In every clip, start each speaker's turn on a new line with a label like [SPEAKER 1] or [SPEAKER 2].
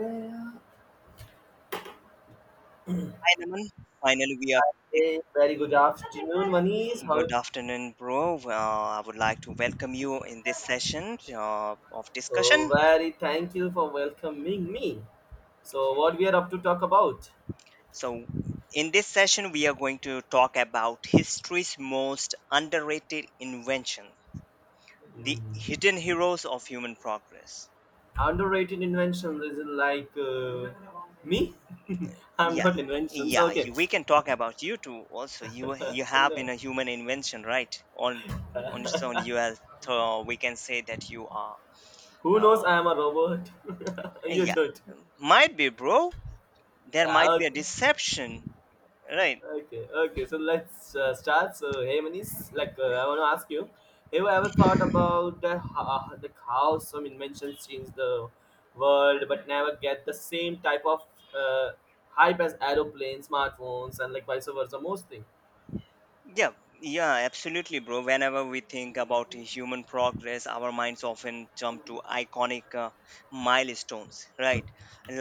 [SPEAKER 1] Hey,
[SPEAKER 2] Hi, Naman. Finally, we are connecting.
[SPEAKER 1] very good afternoon, Manish. How?
[SPEAKER 2] Good afternoon, bro. I would like to welcome you in this session of
[SPEAKER 1] Oh,
[SPEAKER 2] discussion.
[SPEAKER 1] very thank you for welcoming me. So, what we are up to talk about?
[SPEAKER 2] So, in this session, we are going to talk about history's most underrated invention, the
[SPEAKER 1] Hmm.
[SPEAKER 2] hidden heroes of human progress.
[SPEAKER 1] Underrated inventions is it like me? I'm
[SPEAKER 2] Yeah,
[SPEAKER 1] not inventions.
[SPEAKER 2] yeah.
[SPEAKER 1] Okay.
[SPEAKER 2] You, we can talk about you too. Also, you
[SPEAKER 1] And,
[SPEAKER 2] have been a human invention, right? On its own,
[SPEAKER 1] uh,
[SPEAKER 2] you have. We can say that you are.
[SPEAKER 1] who
[SPEAKER 2] Uh,
[SPEAKER 1] knows? I am a robot. you
[SPEAKER 2] yeah,
[SPEAKER 1] don't.
[SPEAKER 2] might be, bro. There
[SPEAKER 1] Yeah.
[SPEAKER 2] might be a
[SPEAKER 1] Okay.
[SPEAKER 2] deception, right.
[SPEAKER 1] Okay, okay. So let's start. So, hey, Manish, like I want to ask you, have you ever thought about the how some inventions change the world, but never get the same type of uh, hype as aeroplanes, smartphones, and like vice versa, mostly.
[SPEAKER 2] Yeah, yeah, absolutely, bro. Whenever we think about human progress, our minds often jump to iconic milestones, right,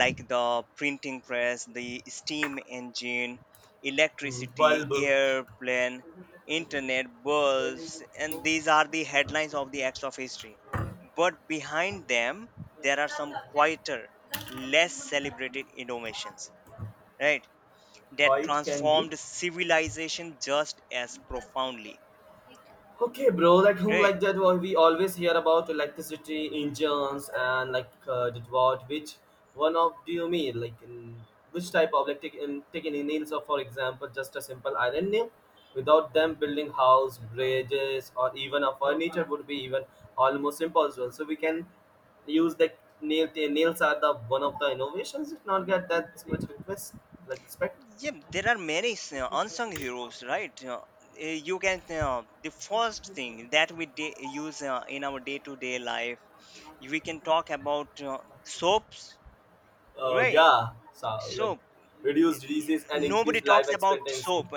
[SPEAKER 2] like the printing press, the steam engine,
[SPEAKER 1] Hmm.
[SPEAKER 2] electricity,
[SPEAKER 1] Bulb,
[SPEAKER 2] airplane, internet, bulbs. And these are the headlines of the acts of history, but behind them there are some quieter, less celebrated innovations, right,
[SPEAKER 1] how
[SPEAKER 2] that
[SPEAKER 1] it can be.
[SPEAKER 2] transformed civilization just as profoundly,
[SPEAKER 1] Okay, bro. Like whom
[SPEAKER 2] right.
[SPEAKER 1] like that? What we always hear about electricity engines and like that what which one of do you mean like in which type of like taking in nails of, for example, just a simple iron nail. Without them building house bridges or even a furniture would be even almost impossible. So we can use the nails are the one of the innovations if not get that much request like respect.
[SPEAKER 2] Yeah, there are many unsung heroes, right. You can The first thing that we use in our day to day life, we can talk about soaps, right.
[SPEAKER 1] Yeah, so like
[SPEAKER 2] Soap.
[SPEAKER 1] reduce diseases and
[SPEAKER 2] Nobody
[SPEAKER 1] increase life
[SPEAKER 2] talks about
[SPEAKER 1] expectancy.
[SPEAKER 2] soap,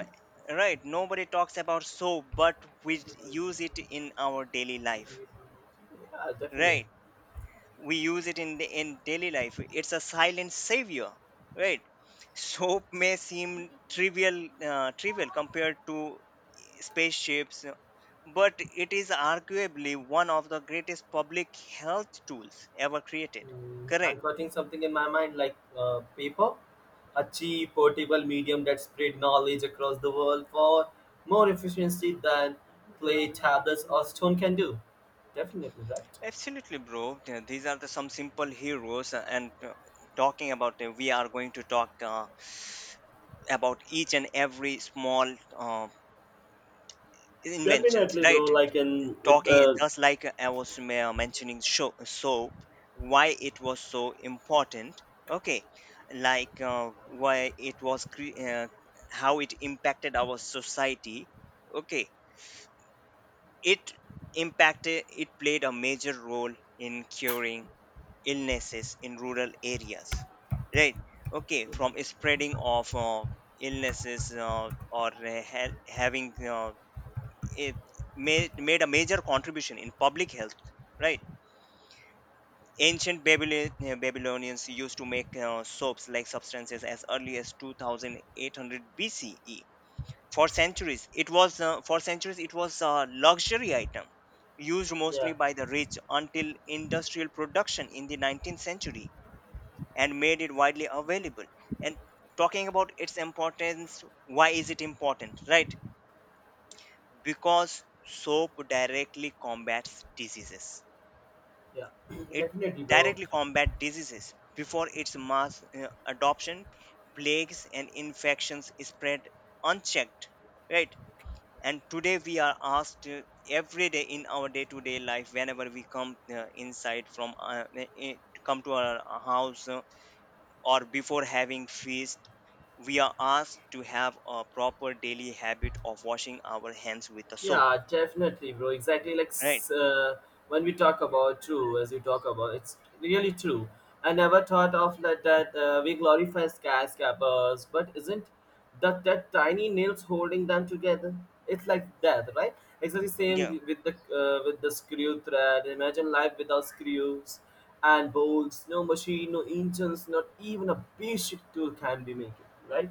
[SPEAKER 2] right. Nobody talks about soap, but we use it in our daily life,
[SPEAKER 1] Yeah, definitely.
[SPEAKER 2] right. We use it in the in daily life. It's a silent savior, right. Soap may seem trivial compared to spaceships, but it is arguably one of the greatest public health tools ever created.
[SPEAKER 1] Mm, I'm
[SPEAKER 2] Correct.
[SPEAKER 1] putting something in my mind like paper, a cheap, portable medium that spread knowledge across the world for more efficiency than clay tablets or stone can do. Definitely, right?
[SPEAKER 2] Absolutely, bro. These are the some simple heroes, and talking about them, we are going to talk about each and every small inventions,
[SPEAKER 1] Definitely, bro.
[SPEAKER 2] right.
[SPEAKER 1] Like in it,
[SPEAKER 2] Talking just like I was mentioning sho soap, why it was so important. Okay, like, why it was cre- how it impacted our society. Okay, it impacted. It played a major role in curing illnesses in rural areas, right? Okay, from spreading of illnesses, or having, it made a major contribution in public health, right. Ancient Babylon, Babylonians used to make soaps like substances as early as 2800 BCE. For centuries it was a luxury item used mostly
[SPEAKER 1] yeah,
[SPEAKER 2] by the rich until industrial production in the 19th century. And made it widely available. And talking about its importance, why is it important, right? Because soap directly combats diseases.
[SPEAKER 1] yeah,
[SPEAKER 2] It
[SPEAKER 1] definitely, bro.
[SPEAKER 2] directly combat diseases. Before its mass adoption, plagues and infections spread unchecked, right. And today we are asked every day in our day to day life, whenever we come inside from, come to our house, or before having feast, we are asked to have a proper daily habit of washing our hands with the soap,
[SPEAKER 1] Yeah, definitely, bro. Exactly like
[SPEAKER 2] right.
[SPEAKER 1] when we talk about true, as you talk about, it's really true. I never thought of that. That we glorify skyscrapers, but isn't that tiny nails holding them together? It's like that, right? Exactly same
[SPEAKER 2] Yeah.
[SPEAKER 1] with the screw thread. Imagine life without screws and bolts. No machine, no engines, not even a basic tool can be made, right?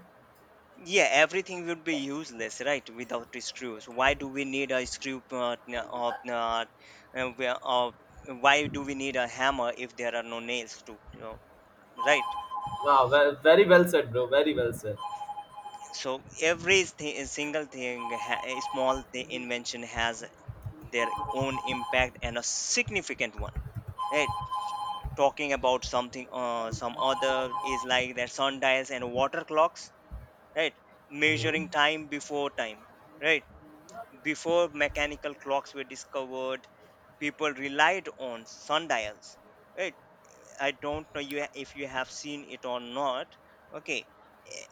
[SPEAKER 2] Yeah, everything would be useless, right? Without the screws, why do we need a of uh, uh, we- uh, why do we need a hammer if there are no nails to, right?
[SPEAKER 1] Wow, well, very well said, bro. Very well
[SPEAKER 2] So every single thing, a small invention has their own impact and a significant one, right? Talking about something, some other is like their sundials and water clocks, right?
[SPEAKER 1] said.
[SPEAKER 2] Measuring time before time, right? Before mechanical clocks were discovered, people relied on sundials. Right? I don't know you if you have seen it or not. Okay. Eh,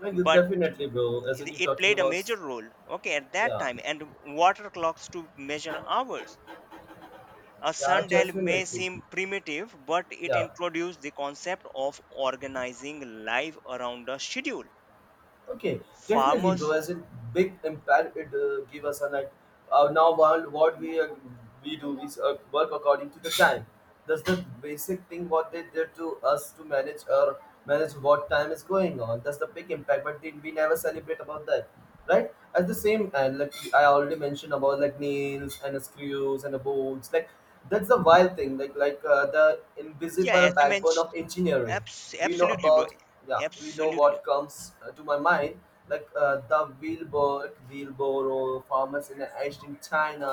[SPEAKER 1] Like,
[SPEAKER 2] but
[SPEAKER 1] definitely, bro. As in,
[SPEAKER 2] it
[SPEAKER 1] you're
[SPEAKER 2] it
[SPEAKER 1] talking
[SPEAKER 2] played a
[SPEAKER 1] about,
[SPEAKER 2] major role. Okay, at that
[SPEAKER 1] yeah,
[SPEAKER 2] time, and water clocks to measure hours. A
[SPEAKER 1] yeah,
[SPEAKER 2] sundial may
[SPEAKER 1] definitely,
[SPEAKER 2] seem primitive, but it
[SPEAKER 1] yeah.
[SPEAKER 2] introduced the concept of organizing life around a schedule.
[SPEAKER 1] Okay, definitely, bro.
[SPEAKER 2] Farmers,
[SPEAKER 1] As a big impact it give us a like. Now, while what we do is work according to the time. That's the basic thing what they did to us to manage or manage what time is going on. That's the big impact. But then we never celebrate about that, right? At the same time, like I already mentioned about like nails and screws and the bolts, like that's the wild thing. Like the
[SPEAKER 2] yeah,
[SPEAKER 1] invisible
[SPEAKER 2] as you
[SPEAKER 1] backbone
[SPEAKER 2] mentioned,
[SPEAKER 1] of engineering. We know
[SPEAKER 2] absolutely, bro,
[SPEAKER 1] about yeah, we know
[SPEAKER 2] absolutely.
[SPEAKER 1] what comes to my mind like the wheelbarrow farmers in ancient China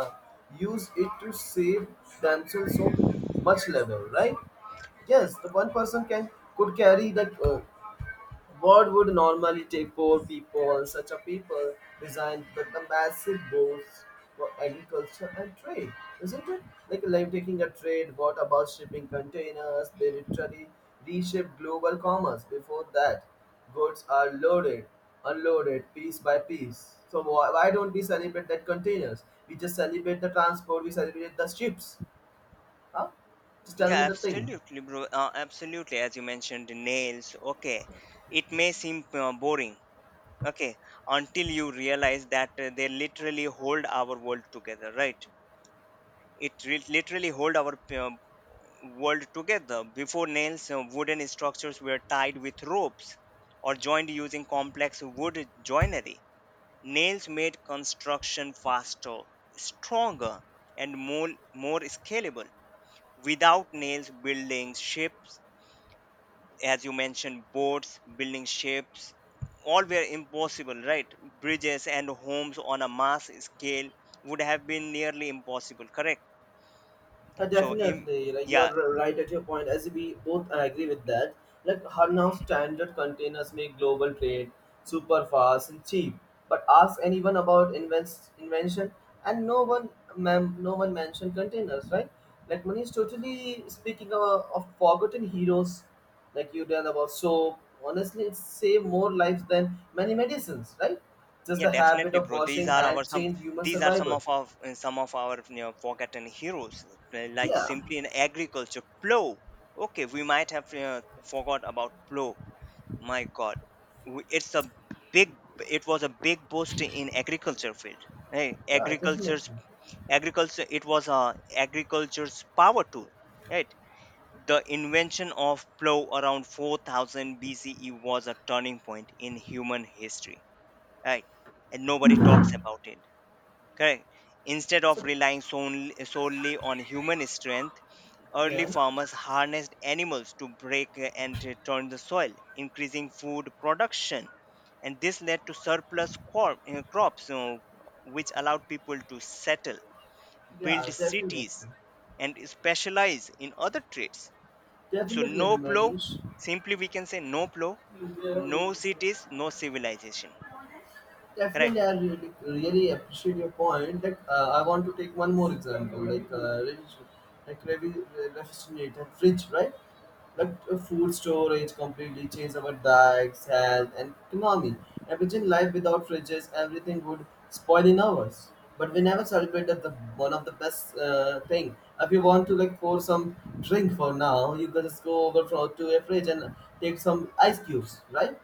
[SPEAKER 1] use it to save themselves so much labor, right? Yes, the one person can could carry that what would normally take four people, such a people designed with the massive boats for agriculture and trade, isn't it? Like taking a trade, what about shipping containers? They literally reshape global commerce. Before that, goods are loaded, unloaded, piece by piece. So why don't we celebrate that containers? We just celebrate the transport, we celebrate the ships. Huh? Just tell
[SPEAKER 2] Yeah,
[SPEAKER 1] me the thing.
[SPEAKER 2] absolutely, bro. Absolutely, as you mentioned, the nails. Okay, it may seem boring. Okay, until you realize that they literally hold our world together, right? It literally hold our world together. Before nails, wooden structures were tied with ropes or joined using complex wood joinery. Nails made construction faster, stronger, and more scalable. Without nails, buildings, ships, as you mentioned, boats, building ships, all were impossible, right? Bridges and homes on a mass scale would have been nearly impossible, correct? So, im-
[SPEAKER 1] Definitely, like you
[SPEAKER 2] yeah,
[SPEAKER 1] are right at your point. As we both agree with that, like how now standard containers make global trade super fast and cheap. But ask anyone about invents invention, and no one, ma'am, no one mentioned containers, right? Like money is totally speaking of forgotten heroes, like you tell about soap. Honestly, it save more lives than many medicines, right? Just
[SPEAKER 2] yeah,
[SPEAKER 1] the habit
[SPEAKER 2] definitely,
[SPEAKER 1] of
[SPEAKER 2] bro. These
[SPEAKER 1] washing
[SPEAKER 2] are our
[SPEAKER 1] hands
[SPEAKER 2] some.
[SPEAKER 1] changed human
[SPEAKER 2] These are some
[SPEAKER 1] survival.
[SPEAKER 2] of our forgotten heroes, like
[SPEAKER 1] Yeah,
[SPEAKER 2] simply in agriculture, plow. Okay, we might have forgot about plow. My God, it's a big. It was a big boost in agriculture field. Hey.
[SPEAKER 1] yeah, definitely.
[SPEAKER 2] Agriculture, it was a agriculture's power tool, right. The invention of plow around 4000 BCE was a turning point in human history, right. And nobody talks about it, correct. Instead of
[SPEAKER 1] So
[SPEAKER 2] relying solely on human strength, early
[SPEAKER 1] yeah,
[SPEAKER 2] farmers harnessed animals to break and to turn the soil, increasing food production. And this led to surplus crops, which allowed people to settle, build
[SPEAKER 1] yeah, definitely,
[SPEAKER 2] cities, and specialize in other trades. So,
[SPEAKER 1] definitely,
[SPEAKER 2] no plow,
[SPEAKER 1] Manish.
[SPEAKER 2] simply we can say, no plow,
[SPEAKER 1] Yeah.
[SPEAKER 2] no cities, no civilization. Correct.
[SPEAKER 1] Definitely, I really, really appreciate your point. Like, I want to take one more example, like refrigerator, fridge, right? Like food storage completely changed our diets, health, and economy. Imagine life without fridges; everything would spoil in hours. But we never celebrated the one of the best thing. If you want to like pour some drink for now, you can just go over to a fridge and take some ice cubes, right?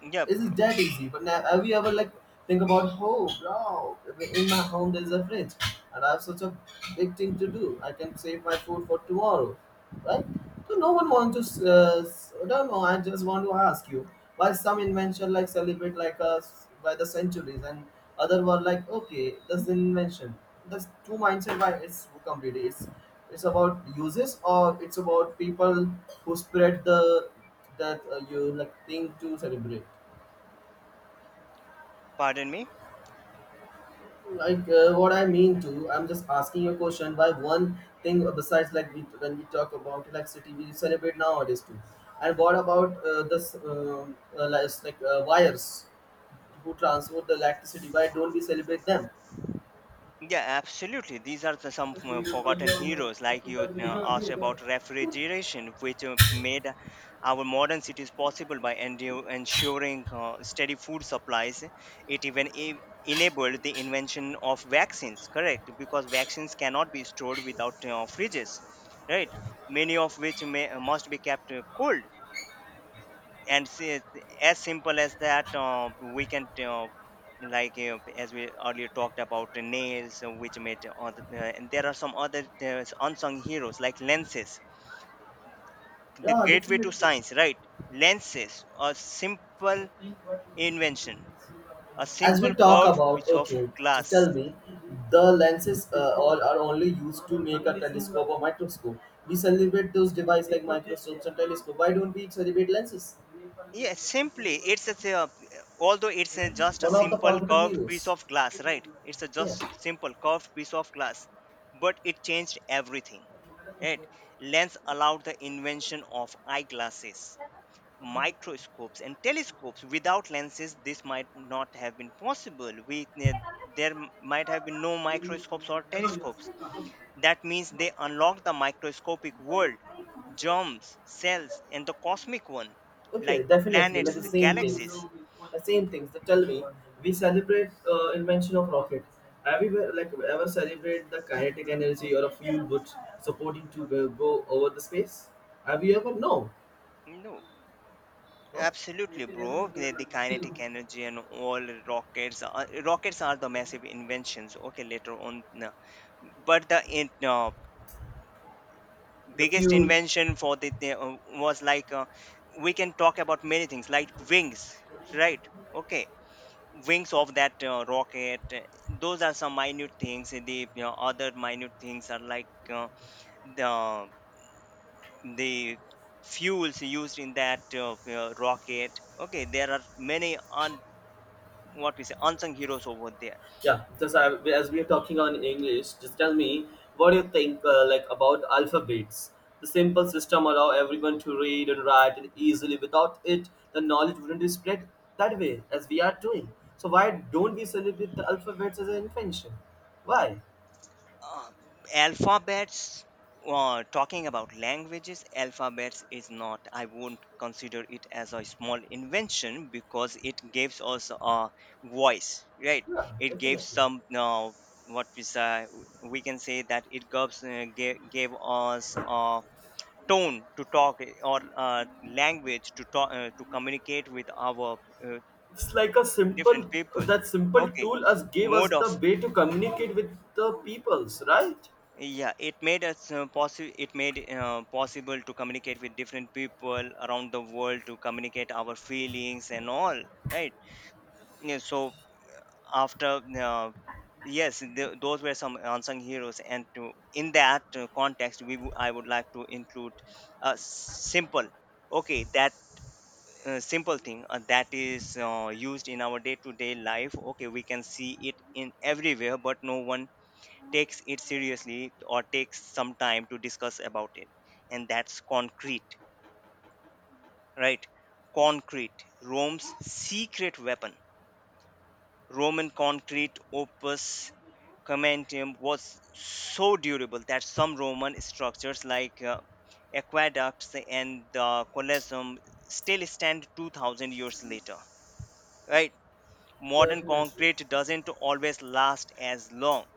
[SPEAKER 2] Yeah,
[SPEAKER 1] Is it that easy? But now, have you ever like think about, oh, bro, in my home there's a fridge, and I have such a big thing to do. I can save my food for tomorrow, right? So no one wants to. I don't know. I just want to ask you why some invention like celebrate like us by the centuries, and other were like, okay, that's an invention. That's two mindset. Why it's completely it's about uses or it's about people who spread the that you like thing to celebrate
[SPEAKER 2] pardon me.
[SPEAKER 1] like what I mean to I'm just asking you a question why one thing besides like we, when we talk about electricity we celebrate nowadays too, and what about wires who transport the electricity, why don't we celebrate them?
[SPEAKER 2] Yeah, absolutely. These are the some forgotten heroes, like you asked about refrigeration, which made our modern cities possible by ensuring steady food supplies. It even enabled the invention of vaccines, correct? Because vaccines cannot be stored without fridges, right? Many of which must be kept cold. And see, as simple as that, we can like as we earlier talked about the nails, which made other, and there are some other unsung heroes like lenses, the
[SPEAKER 1] Yeah,
[SPEAKER 2] gateway to
[SPEAKER 1] definitely,
[SPEAKER 2] science, right. Lenses, a simple invention, a
[SPEAKER 1] as we
[SPEAKER 2] simple
[SPEAKER 1] talk
[SPEAKER 2] curved
[SPEAKER 1] about.
[SPEAKER 2] piece of
[SPEAKER 1] Okay, just
[SPEAKER 2] glass.
[SPEAKER 1] tell me, the lenses all are only used to make a telescope or microscope. We celebrate those devices like microscopes and telescope, why don't we celebrate lenses,
[SPEAKER 2] Yeah, simply it's a although it's a, just a
[SPEAKER 1] one of the
[SPEAKER 2] simple
[SPEAKER 1] forgotten
[SPEAKER 2] curved piece
[SPEAKER 1] heroes?
[SPEAKER 2] of glass, right. It's a
[SPEAKER 1] Yeah.
[SPEAKER 2] just simple curved piece of glass, but it changed everything. Right? Lens allowed the invention of eyeglasses, microscopes, and telescopes. Without lenses, this might not have been possible. We, there might have been no microscopes or telescopes. That means they unlocked the microscopic world, germs, cells, and the cosmic one,
[SPEAKER 1] Okay,
[SPEAKER 2] like
[SPEAKER 1] definitely, like the
[SPEAKER 2] planets,
[SPEAKER 1] same things,
[SPEAKER 2] galaxies.
[SPEAKER 1] the same things. They tell me we celebrate invention of rocket. Have you ever- like ever celebrate the kinetic energy or a fuel which supporting to go over the space? Have you ever? No.
[SPEAKER 2] No.
[SPEAKER 1] Huh?
[SPEAKER 2] Absolutely, bro. The kinetic energy and all rockets. Rockets are the massive inventions. Okay, later on, no. But the
[SPEAKER 1] The
[SPEAKER 2] biggest
[SPEAKER 1] fuel.
[SPEAKER 2] invention for the was like, we can talk about many things like wings, right? Okay, wings of that rocket. Those are some minute things. And The, other minute things are like the the fuels used in that rocket. Okay, there are many what we say unsung heroes over there.
[SPEAKER 1] Yeah, just I, as we are talking on English, just tell me what do you think like about alphabets. The simple system allow everyone to read and write it easily. Without it, the knowledge wouldn't be spread that way as we are doing. So why don't we celebrate the alphabets as an invention? Why?
[SPEAKER 2] um, Alphabets. Talking about languages, alphabets is not, I won't consider it as a small invention because it gives us a voice, right.
[SPEAKER 1] Yeah,
[SPEAKER 2] It gives
[SPEAKER 1] definitely.
[SPEAKER 2] some, what we say, we can say that it gave us a tone to talk, or language to talk, to communicate with our uh,
[SPEAKER 1] It's like a
[SPEAKER 2] different
[SPEAKER 1] simple
[SPEAKER 2] people.
[SPEAKER 1] that simple
[SPEAKER 2] Okay,
[SPEAKER 1] tool as gave us
[SPEAKER 2] mode
[SPEAKER 1] the
[SPEAKER 2] of.
[SPEAKER 1] way to communicate with the peoples, right?
[SPEAKER 2] Yeah, it made us possible, it made possible to communicate with different people around the world, to communicate our feelings and all, right. Yeah, so, after yes, those were some unsung heroes. And to in that context, I would like to include a simple, okay, that simple thing that is used in our day to day life. Okay, we can see it in everywhere, but no one takes it seriously or takes some time to discuss about it. And that's concrete, right. Concrete, Rome's secret weapon. Roman concrete, opus commentium, was so durable that some Roman structures like aqueducts and the Colosseum still stand 2000 years later, right. Modern
[SPEAKER 1] Definitely.
[SPEAKER 2] concrete doesn't always last as long,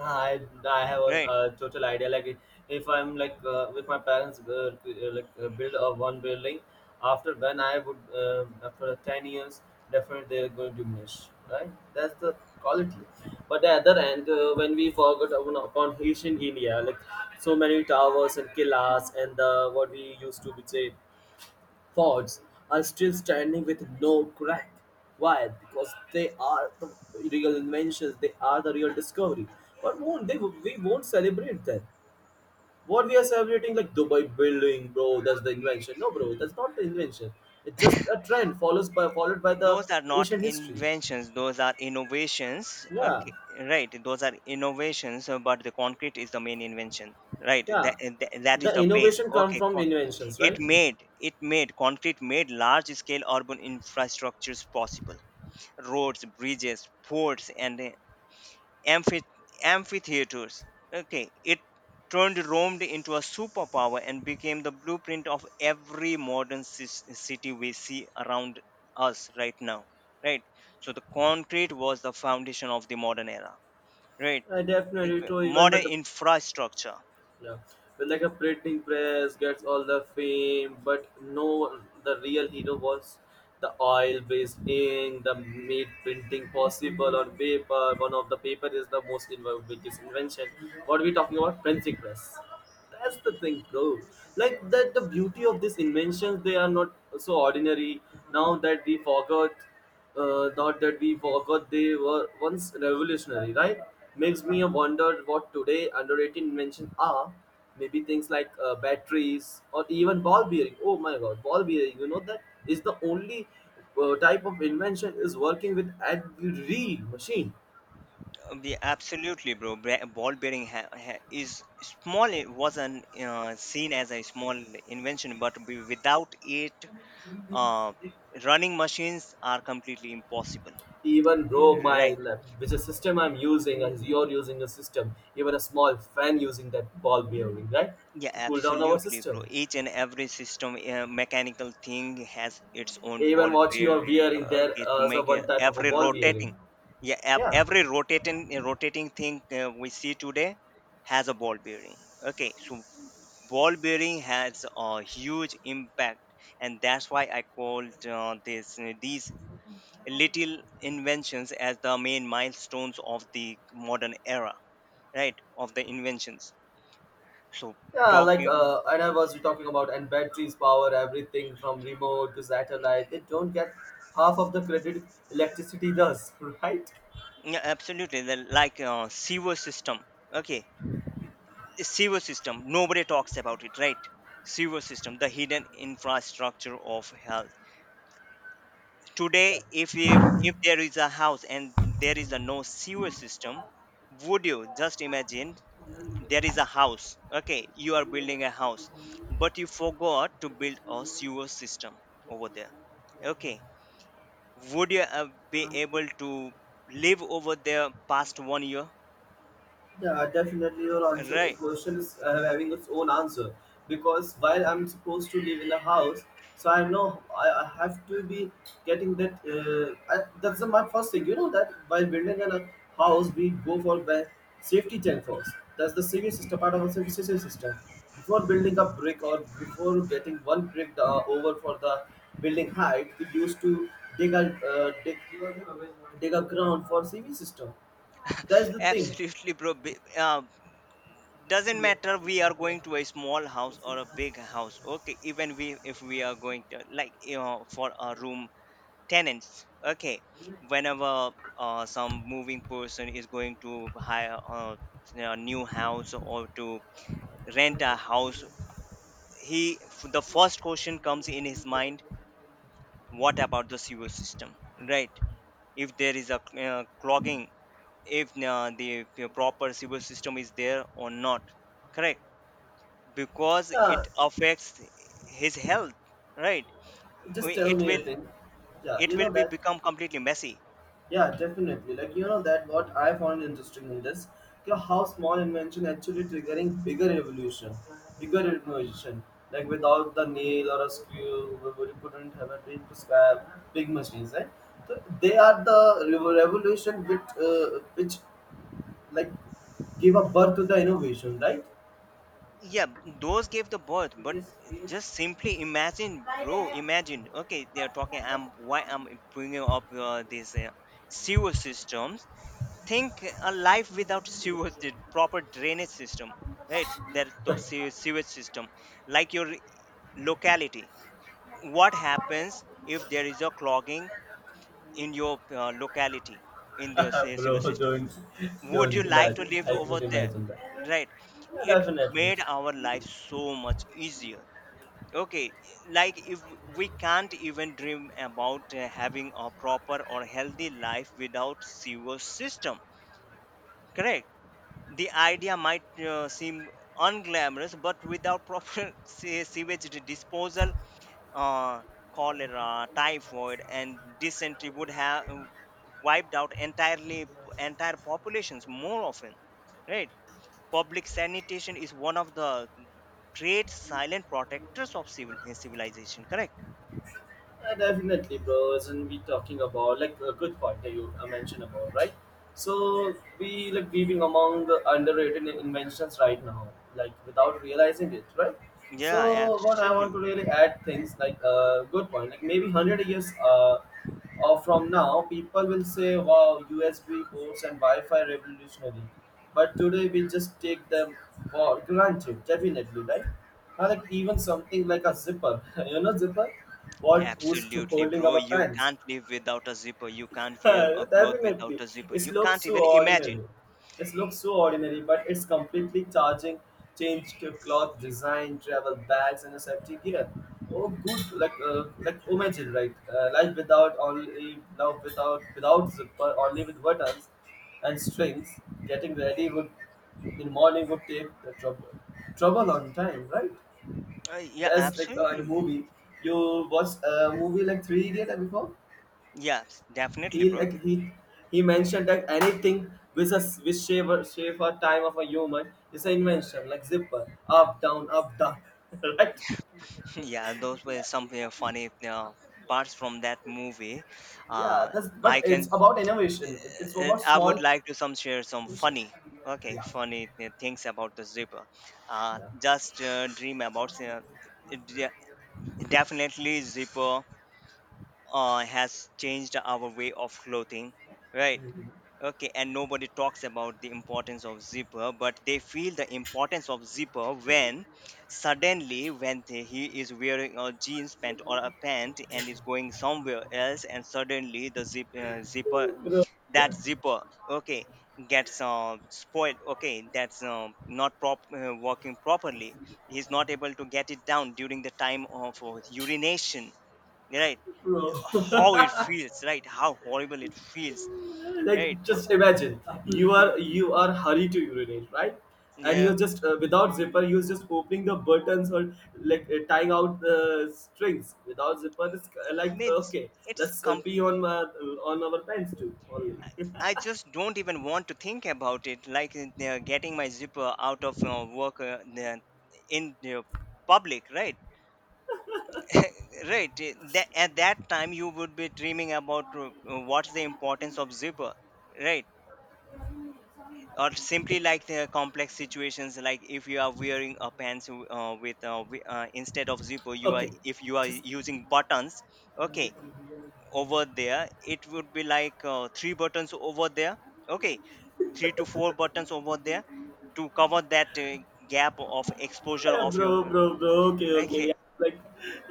[SPEAKER 1] I I have a
[SPEAKER 2] right.
[SPEAKER 1] total idea. Like if I'm like with my parents, like build a one building. After when I would after 10 years, definitely they're going to diminish. Right, that's the quality. But the other end, when we forgot upon ancient India, like so many towers and killas and the what we used to be say Fords are still standing with no crack. Why? Because they are the real inventions. They are the real discovery. But won't they? We won't celebrate that. What we are celebrating, like Dubai building, bro. That's the invention. No, bro. That's not the invention. It's just a trend follows by followed by
[SPEAKER 2] Those
[SPEAKER 1] the
[SPEAKER 2] are not
[SPEAKER 1] ancient history.
[SPEAKER 2] inventions, those are innovations,
[SPEAKER 1] Yeah,
[SPEAKER 2] okay, right. Those are innovations, but the concrete is the main invention, right. that,
[SPEAKER 1] yeah.
[SPEAKER 2] that, that is
[SPEAKER 1] The
[SPEAKER 2] the base,
[SPEAKER 1] innovation come
[SPEAKER 2] okay.
[SPEAKER 1] from inventions,
[SPEAKER 2] It
[SPEAKER 1] right?
[SPEAKER 2] made it made concrete made large scale urban infrastructures possible: roads, bridges, ports, and amphi- amphitheaters. Okay, it turned Rome into a superpower and became the blueprint of every modern city we see around us right now. Right, so the concrete was the foundation of the modern era. Right.
[SPEAKER 1] I
[SPEAKER 2] It-
[SPEAKER 1] definitely true. Even by
[SPEAKER 2] Modern
[SPEAKER 1] the
[SPEAKER 2] infrastructure.
[SPEAKER 1] yeah. But like a printing press gets all the fame, but no, the real hero was the oil-based ink, the made printing possible on paper. One of the paper is the most biggest invention. What are we talking about? Printing press. That's the thing, bro. Like that, the beauty of these inventions, they are not so ordinary. Now that we forgot not that we forgot they were once revolutionary, right? Makes me wonder what today underrated invention are. Maybe things like batteries or even ball bearing. Oh my God, ball bearing! You know that is the only type of invention is working with every machine.
[SPEAKER 2] Absolutely, bro. Ball bearing is small. It was an seen as a small invention, but without it, uh, running machines are completely impossible.
[SPEAKER 1] Even bro, my
[SPEAKER 2] Right.
[SPEAKER 1] lab, which is system I'm using, as you're using a system, even a small fan using that ball bearing, right,
[SPEAKER 2] Yeah,
[SPEAKER 1] to cool down our
[SPEAKER 2] absolutely,
[SPEAKER 1] system.
[SPEAKER 2] bro. Each and every system, mechanical thing has its own
[SPEAKER 1] Even
[SPEAKER 2] ball
[SPEAKER 1] what you are
[SPEAKER 2] bearing.
[SPEAKER 1] wearing there
[SPEAKER 2] Okay, to
[SPEAKER 1] is a
[SPEAKER 2] make
[SPEAKER 1] one type of a
[SPEAKER 2] every
[SPEAKER 1] ball wearing.
[SPEAKER 2] rotating, yeah, ev-
[SPEAKER 1] Yeah.
[SPEAKER 2] every rotating rotating thing we see today has a ball bearing. Okay, so ball bearing has a huge impact, and that's why I called this these little inventions as the main milestones of the modern era, right? Of the inventions. So,
[SPEAKER 1] Yeah, like
[SPEAKER 2] talking
[SPEAKER 1] and I was talking about and batteries power everything from remote to satellite, they don't get half of the credit electricity does right.
[SPEAKER 2] yeah, absolutely. Like, sewer system. Okay, sewer system. Nobody talks about it, right? Sewer system, the hidden infrastructure of health.
[SPEAKER 1] Yeah.
[SPEAKER 2] Today, if there is a house and there is a no sewer system, would you just imagine there is a house? Okay, you are building a house, but you forgot to build a sewer system over there. Okay, would you be able to live over there past 1 year?
[SPEAKER 1] Yeah, definitely your answer. A
[SPEAKER 2] Right.
[SPEAKER 1] question is having its own answer because while I'm supposed to live in a house, so I know I have to be getting that. That's the, my first thing. You know that while building in a house, we go for the safety check first. That's the civil system part of the civil system. Before building a brick or before getting one brick over for the building height, we used to dig a uh, dig, dig a ground for civil system, that's the thing.
[SPEAKER 2] Absolutely, bro. Doesn't matter we are going to a small house or a big house. Okay, even we if we are going to, like, you know, for a room tenants. Okay, whenever some moving person is going to hire a new house or to rent a house, the first question comes in his mind: what about the sewer system? Right? If there is a clogging, if the proper civil system is there or not, correct, because it
[SPEAKER 1] Yeah,
[SPEAKER 2] affects his health, right?
[SPEAKER 1] just tell
[SPEAKER 2] It
[SPEAKER 1] me a
[SPEAKER 2] will,
[SPEAKER 1] thing. Yeah,
[SPEAKER 2] it
[SPEAKER 1] you
[SPEAKER 2] will
[SPEAKER 1] know
[SPEAKER 2] be
[SPEAKER 1] that.
[SPEAKER 2] become completely messy.
[SPEAKER 1] Yeah, definitely. Like you know that what I found interesting in this, you know, how small invention actually triggering bigger revolution, bigger innovation. Like without the nail or a screw, we couldn't have a big prescribe big machines, right? So they are the revolution which uh, which like give a birth to the innovation, right?
[SPEAKER 2] Yeah, those gave the birth, but just simply imagine, bro, imagine, okay, they're talking. I'm why i'm bringing up these sewer systems, think a life without sewers, the proper drainage system, right? That those sewer sewage system, like your locality, what happens if there is a clogging in your locality, in the sewer
[SPEAKER 1] Bro,
[SPEAKER 2] system? Would you
[SPEAKER 1] don't
[SPEAKER 2] like to
[SPEAKER 1] imagine.
[SPEAKER 2] live
[SPEAKER 1] I
[SPEAKER 2] over
[SPEAKER 1] can't
[SPEAKER 2] there?
[SPEAKER 1] imagine that.
[SPEAKER 2] Right.
[SPEAKER 1] Yeah,
[SPEAKER 2] It
[SPEAKER 1] definitely.
[SPEAKER 2] made our life so much easier. Okay, like if we can't even dream about having a proper or healthy life without sewer system, correct? The idea might seem unglamorous, but without proper sewage disposal, uh, cholera, typhoid, and dysentery would have wiped out entirely entire populations more often. Right? Public sanitation is one of the great silent protectors of civilization. Correct?
[SPEAKER 1] Yeah, definitely, bro. Isn't we talking about like a good point that you mentioned about, right? So we like weaving among the underrated inventions right now, like without realizing it, right?
[SPEAKER 2] Yeah,
[SPEAKER 1] So what I want
[SPEAKER 2] absolutely,
[SPEAKER 1] to really add things like a good point, like maybe 100 years from now, people will say, wow, USB ports and Wi Fi revolutionary. But today we just take them for granted, definitely, right? Now, like even something like a zipper, you know, zipper, what who's to
[SPEAKER 2] absolutely,
[SPEAKER 1] holding
[SPEAKER 2] bro.
[SPEAKER 1] our
[SPEAKER 2] You
[SPEAKER 1] pants?
[SPEAKER 2] can't live without a zipper. You can't wear a cloth without
[SPEAKER 1] Definitely.
[SPEAKER 2] a zipper.
[SPEAKER 1] It
[SPEAKER 2] You can't
[SPEAKER 1] looks so
[SPEAKER 2] even imagine.
[SPEAKER 1] ordinary. It looks so ordinary, but it's completely charging, changed to cloth design, travel bags, and a safety gear. Oh, good, like imagine, right? Life without only love without without zipper, only with buttons and strings. Getting ready would in morning would take the trouble, trouble on time, right?
[SPEAKER 2] Yeah,
[SPEAKER 1] There's like a
[SPEAKER 2] absolutely.
[SPEAKER 1] movie, you watched a movie like Three Idiot before
[SPEAKER 2] Yeah, definitely,
[SPEAKER 1] he
[SPEAKER 2] bro.
[SPEAKER 1] like he he mentioned that anything with a with shave a, shave a time of a human is an invention like zipper up down right
[SPEAKER 2] Yeah, those were some funny parts from that movie.
[SPEAKER 1] yeah
[SPEAKER 2] Uh,
[SPEAKER 1] that's but
[SPEAKER 2] I
[SPEAKER 1] it's
[SPEAKER 2] can,
[SPEAKER 1] about innovation. It's about
[SPEAKER 2] I would
[SPEAKER 1] small
[SPEAKER 2] like to some share some
[SPEAKER 1] innovation.
[SPEAKER 2] funny, okay,
[SPEAKER 1] Yeah,
[SPEAKER 2] funny things about the zipper.
[SPEAKER 1] yeah,
[SPEAKER 2] Just dream about it definitely zipper has changed our way of clothing, right? Okay, and nobody talks about the importance of zipper, but they feel the importance of zipper when suddenly when he is wearing a jeans pant or a pant and is going somewhere else, and suddenly the zip, zipper, that zipper, okay, gets spoiled. Okay, that's not prop working properly. He's not able to get it down during the time of urination, right?
[SPEAKER 1] bro,
[SPEAKER 2] How it feels, right? How horrible it feels.
[SPEAKER 1] like
[SPEAKER 2] Right.
[SPEAKER 1] just imagine you are hurried to urinate, right? And
[SPEAKER 2] Yeah.
[SPEAKER 1] you're just without zipper you're just opening the buttons or like tying out the strings without zipper, it's like
[SPEAKER 2] Means
[SPEAKER 1] okay,
[SPEAKER 2] it's
[SPEAKER 1] let's
[SPEAKER 2] com,
[SPEAKER 1] pee on our pants too only.
[SPEAKER 2] I just don't even want to think about it, like they're getting my zipper out of work, in the public, right? Right. At that time you would be dreaming about what's the importance of zipper, right? Or simply like the complex situations, like if you are wearing a pants with instead of zipper you are,
[SPEAKER 1] Okay,
[SPEAKER 2] if you are
[SPEAKER 1] just
[SPEAKER 2] using buttons, okay, over there it would be like three buttons over there, okay, three to four buttons over there to cover that gap of exposure
[SPEAKER 1] yeah,
[SPEAKER 2] of your,
[SPEAKER 1] bro, bro, bro. Okay, okay. We
[SPEAKER 2] okay.
[SPEAKER 1] are like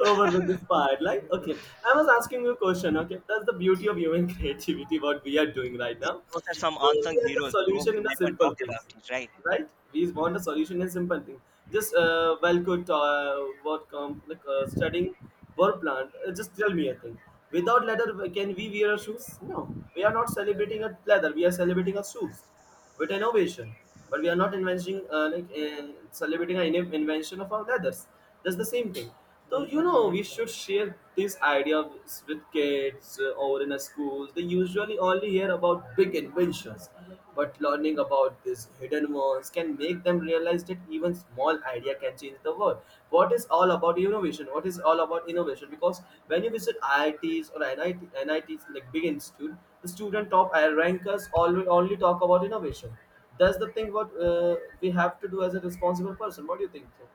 [SPEAKER 1] over with this part. Like, okay. I was asking you a question. Okay, that's the beauty of human creativity. What we are doing right now.
[SPEAKER 2] Those are some
[SPEAKER 1] So
[SPEAKER 2] unsung
[SPEAKER 1] we are the
[SPEAKER 2] heroes, bro,
[SPEAKER 1] solution
[SPEAKER 2] we
[SPEAKER 1] in the
[SPEAKER 2] never talk
[SPEAKER 1] simple
[SPEAKER 2] about
[SPEAKER 1] things,
[SPEAKER 2] it, right?
[SPEAKER 1] right? We want a solution in simple things. Just well, could what come like studying work plant. Just tell me a thing. Without leather, can we wear our shoes? No. We are not celebrating a leather. We are celebrating our shoes with innovation, but we are not inventing celebrating an invention of our others. That's the same thing. So you know, we should share this idea with kids or in a schools. They usually only hear about big inventions, but learning about these hidden ones can make them realize that even small idea can change the world. What is all about innovation? What is all about innovation? Because when you visit IITs or NIT, NITs like big institute, the student top rankers always only talk about innovation. That's the thing what we have to do as a responsible person. What do you think so?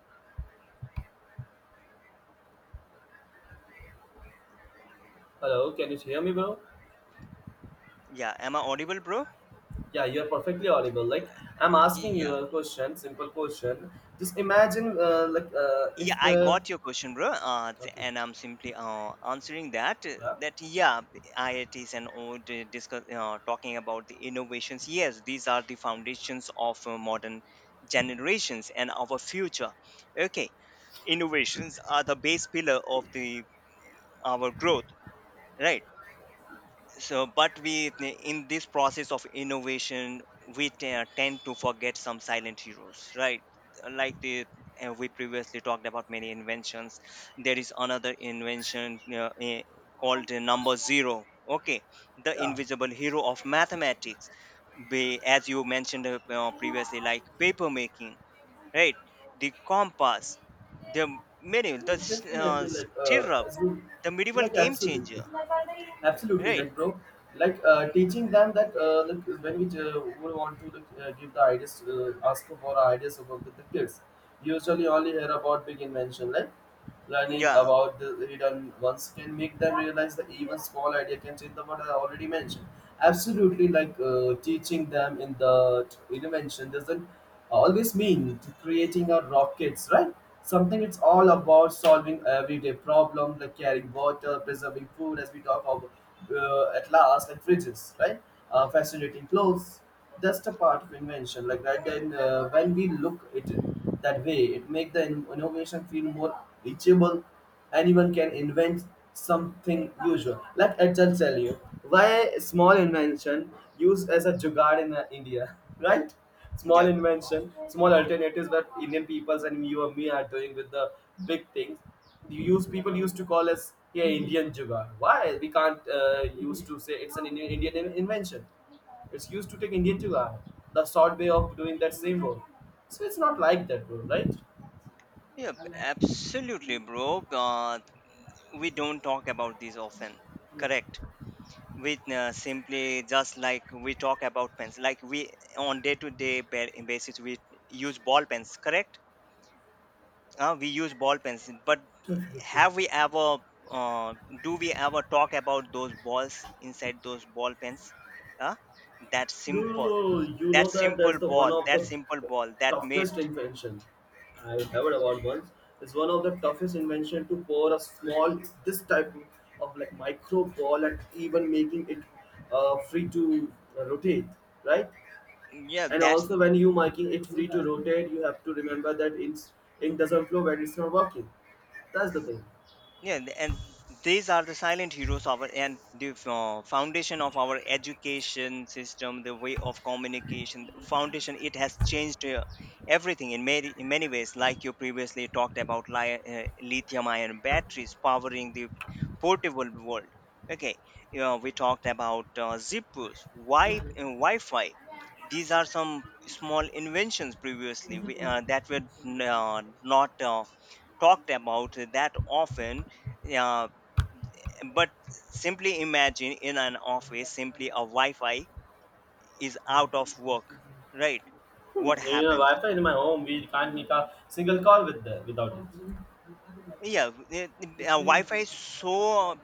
[SPEAKER 1] Hello, can you hear me, bro?
[SPEAKER 2] Yeah, am I audible, bro?
[SPEAKER 1] Yeah, you're perfectly audible, like I'm asking you
[SPEAKER 2] Yeah.
[SPEAKER 1] a question, simple question. Just imagine
[SPEAKER 2] Yeah,
[SPEAKER 1] if
[SPEAKER 2] I got your question, bro.
[SPEAKER 1] okay,
[SPEAKER 2] And I'm simply answering that.
[SPEAKER 1] yeah,
[SPEAKER 2] That yeah, the IITs and all the discuss talking about the innovations. Yes, these are the foundations of modern generations and our future. Okay, innovations are the base pillar of the our growth, right? So but we, in this process of innovation, we tend to forget some silent heroes, right? Like the we previously talked about many inventions. There is another invention called the number zero, okay, the
[SPEAKER 1] yeah.
[SPEAKER 2] invisible hero of mathematics, as you mentioned, previously, like paper making, right, the compass, the many, the
[SPEAKER 1] Definitely, like
[SPEAKER 2] stirrup,
[SPEAKER 1] as you,
[SPEAKER 2] the medieval
[SPEAKER 1] like
[SPEAKER 2] game changer,
[SPEAKER 1] absolutely, absolutely,
[SPEAKER 2] right.
[SPEAKER 1] like bro, like teaching them that like, when we would want to like, give the ideas, ask for our ideas about the kids, usually only hear about big invention, like learning
[SPEAKER 2] Yeah,
[SPEAKER 1] about the hidden ones can make them realize that even small idea can change the world. I already mentioned absolutely like teaching them in the invention doesn't always mean to creating a rockets, right? Something it's all about solving everyday problem like carrying water, preserving food as we talk about at last like fridges, right? Fascinating clothes, that's the part of invention like, right? Then when we look at it that way, it make the innovation feel more reachable. Anyone can invent something usual. Let Ajahn tell you why a small invention used as a jugaad in India, right? Small
[SPEAKER 2] yeah.
[SPEAKER 1] invention, small alternatives that Indian peoples and you and me are doing with the big things. You use people used to call us yeah Indian jugaad. Why we can't used to say it's an Indian invention? It's used to take Indian to hour, the short way of doing that same work. So it's not like that, bro, right?
[SPEAKER 2] Yep, absolutely, bro. We don't talk about these often. Correct. We simply, just like we talk about pens, like we on day to day basis we use ball pens. Correct. We use ball pens, but
[SPEAKER 1] Definitely.
[SPEAKER 2] have we ever? Uh, do we ever talk about those balls inside those ball pens? Uh, that simple,
[SPEAKER 1] Do you
[SPEAKER 2] that
[SPEAKER 1] know that
[SPEAKER 2] simple
[SPEAKER 1] that's the one
[SPEAKER 2] ball,
[SPEAKER 1] of
[SPEAKER 2] that
[SPEAKER 1] the
[SPEAKER 2] simple ball, that mate.
[SPEAKER 1] toughest invention I heard about once. It's one of the toughest invention to pour a small this type of like micro ball and even making it free to rotate, right?
[SPEAKER 2] Yeah,
[SPEAKER 1] And
[SPEAKER 2] that's,
[SPEAKER 1] also when you making it free to rotate, you have to remember that it's ink doesn't flow when it's not working. That's the thing.
[SPEAKER 2] yeah, and these are the silent heroes of our and the foundation of our education system, the way of communication, the foundation. It has changed everything in many, in many ways. Like you previously talked about lithium ion batteries powering the portable world, okay. You know, we talked about zippers, wi-fi. These are some small inventions previously we, that were uh, not talked about that often, uh, but simply imagine, in an office, simply a wi-fi is out of work, right? What
[SPEAKER 1] You know,
[SPEAKER 2] happens?
[SPEAKER 1] Wi-Fi in my home, we can't make a single call with the, without it.
[SPEAKER 2] Yeah. Wi-fi is so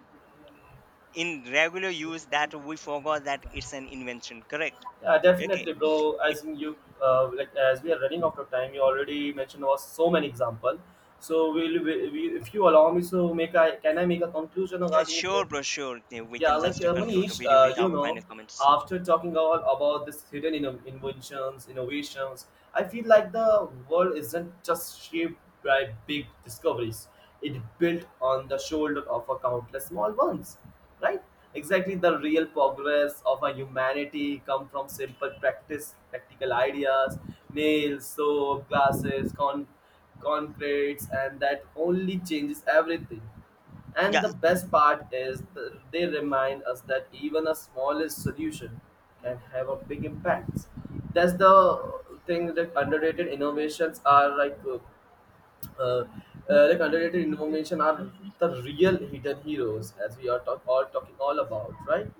[SPEAKER 2] in regular use that we forgot that it's an invention, correct.
[SPEAKER 1] Yeah,
[SPEAKER 2] Okay,
[SPEAKER 1] definitely, bro.
[SPEAKER 2] it,
[SPEAKER 1] As in you, like as we are running out of time, you already mentioned was so many example. So we'll, if you allow me, so make I can I make a conclusion regarding
[SPEAKER 2] sure, bro, sure. Yeah, we
[SPEAKER 1] yeah,
[SPEAKER 2] can
[SPEAKER 1] like
[SPEAKER 2] just conclude the
[SPEAKER 1] Manish,
[SPEAKER 2] video with
[SPEAKER 1] you
[SPEAKER 2] our final
[SPEAKER 1] know,
[SPEAKER 2] comments.
[SPEAKER 1] after talking all about this hidden inventions, innovations, I feel like the world isn't just shaped by big discoveries. It built on the shoulder of a countless small ones, right? Exactly, the real progress of our humanity come from simple practice, practical ideas, nails, soap, glasses, concretes, and that only changes everything. And
[SPEAKER 2] Yeah.
[SPEAKER 1] the best part is they remind us that even a smallest solution can have a big impact. That's the thing that underrated innovations are uh, like underrated innovation are the real hidden heroes as we are all talking all about, right?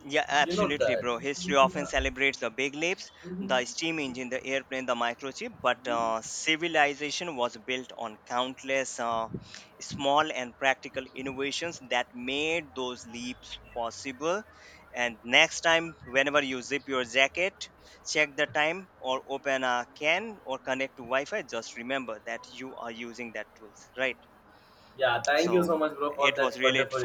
[SPEAKER 2] Yeah,
[SPEAKER 1] You know
[SPEAKER 2] absolutely,
[SPEAKER 1] that.
[SPEAKER 2] bro. History often
[SPEAKER 1] Yeah.
[SPEAKER 2] celebrates the big leaps, the steam engine, the airplane, the microchip, but civilization was built on countless small and practical innovations that made those leaps possible. And next time, whenever you zip your jacket, check the time or open a can or connect to Wi Fi, just remember that you are using that tools, right?
[SPEAKER 1] Yeah. Thank you
[SPEAKER 2] So,
[SPEAKER 1] so much, bro, for
[SPEAKER 2] it was
[SPEAKER 1] that
[SPEAKER 2] really
[SPEAKER 1] wonderful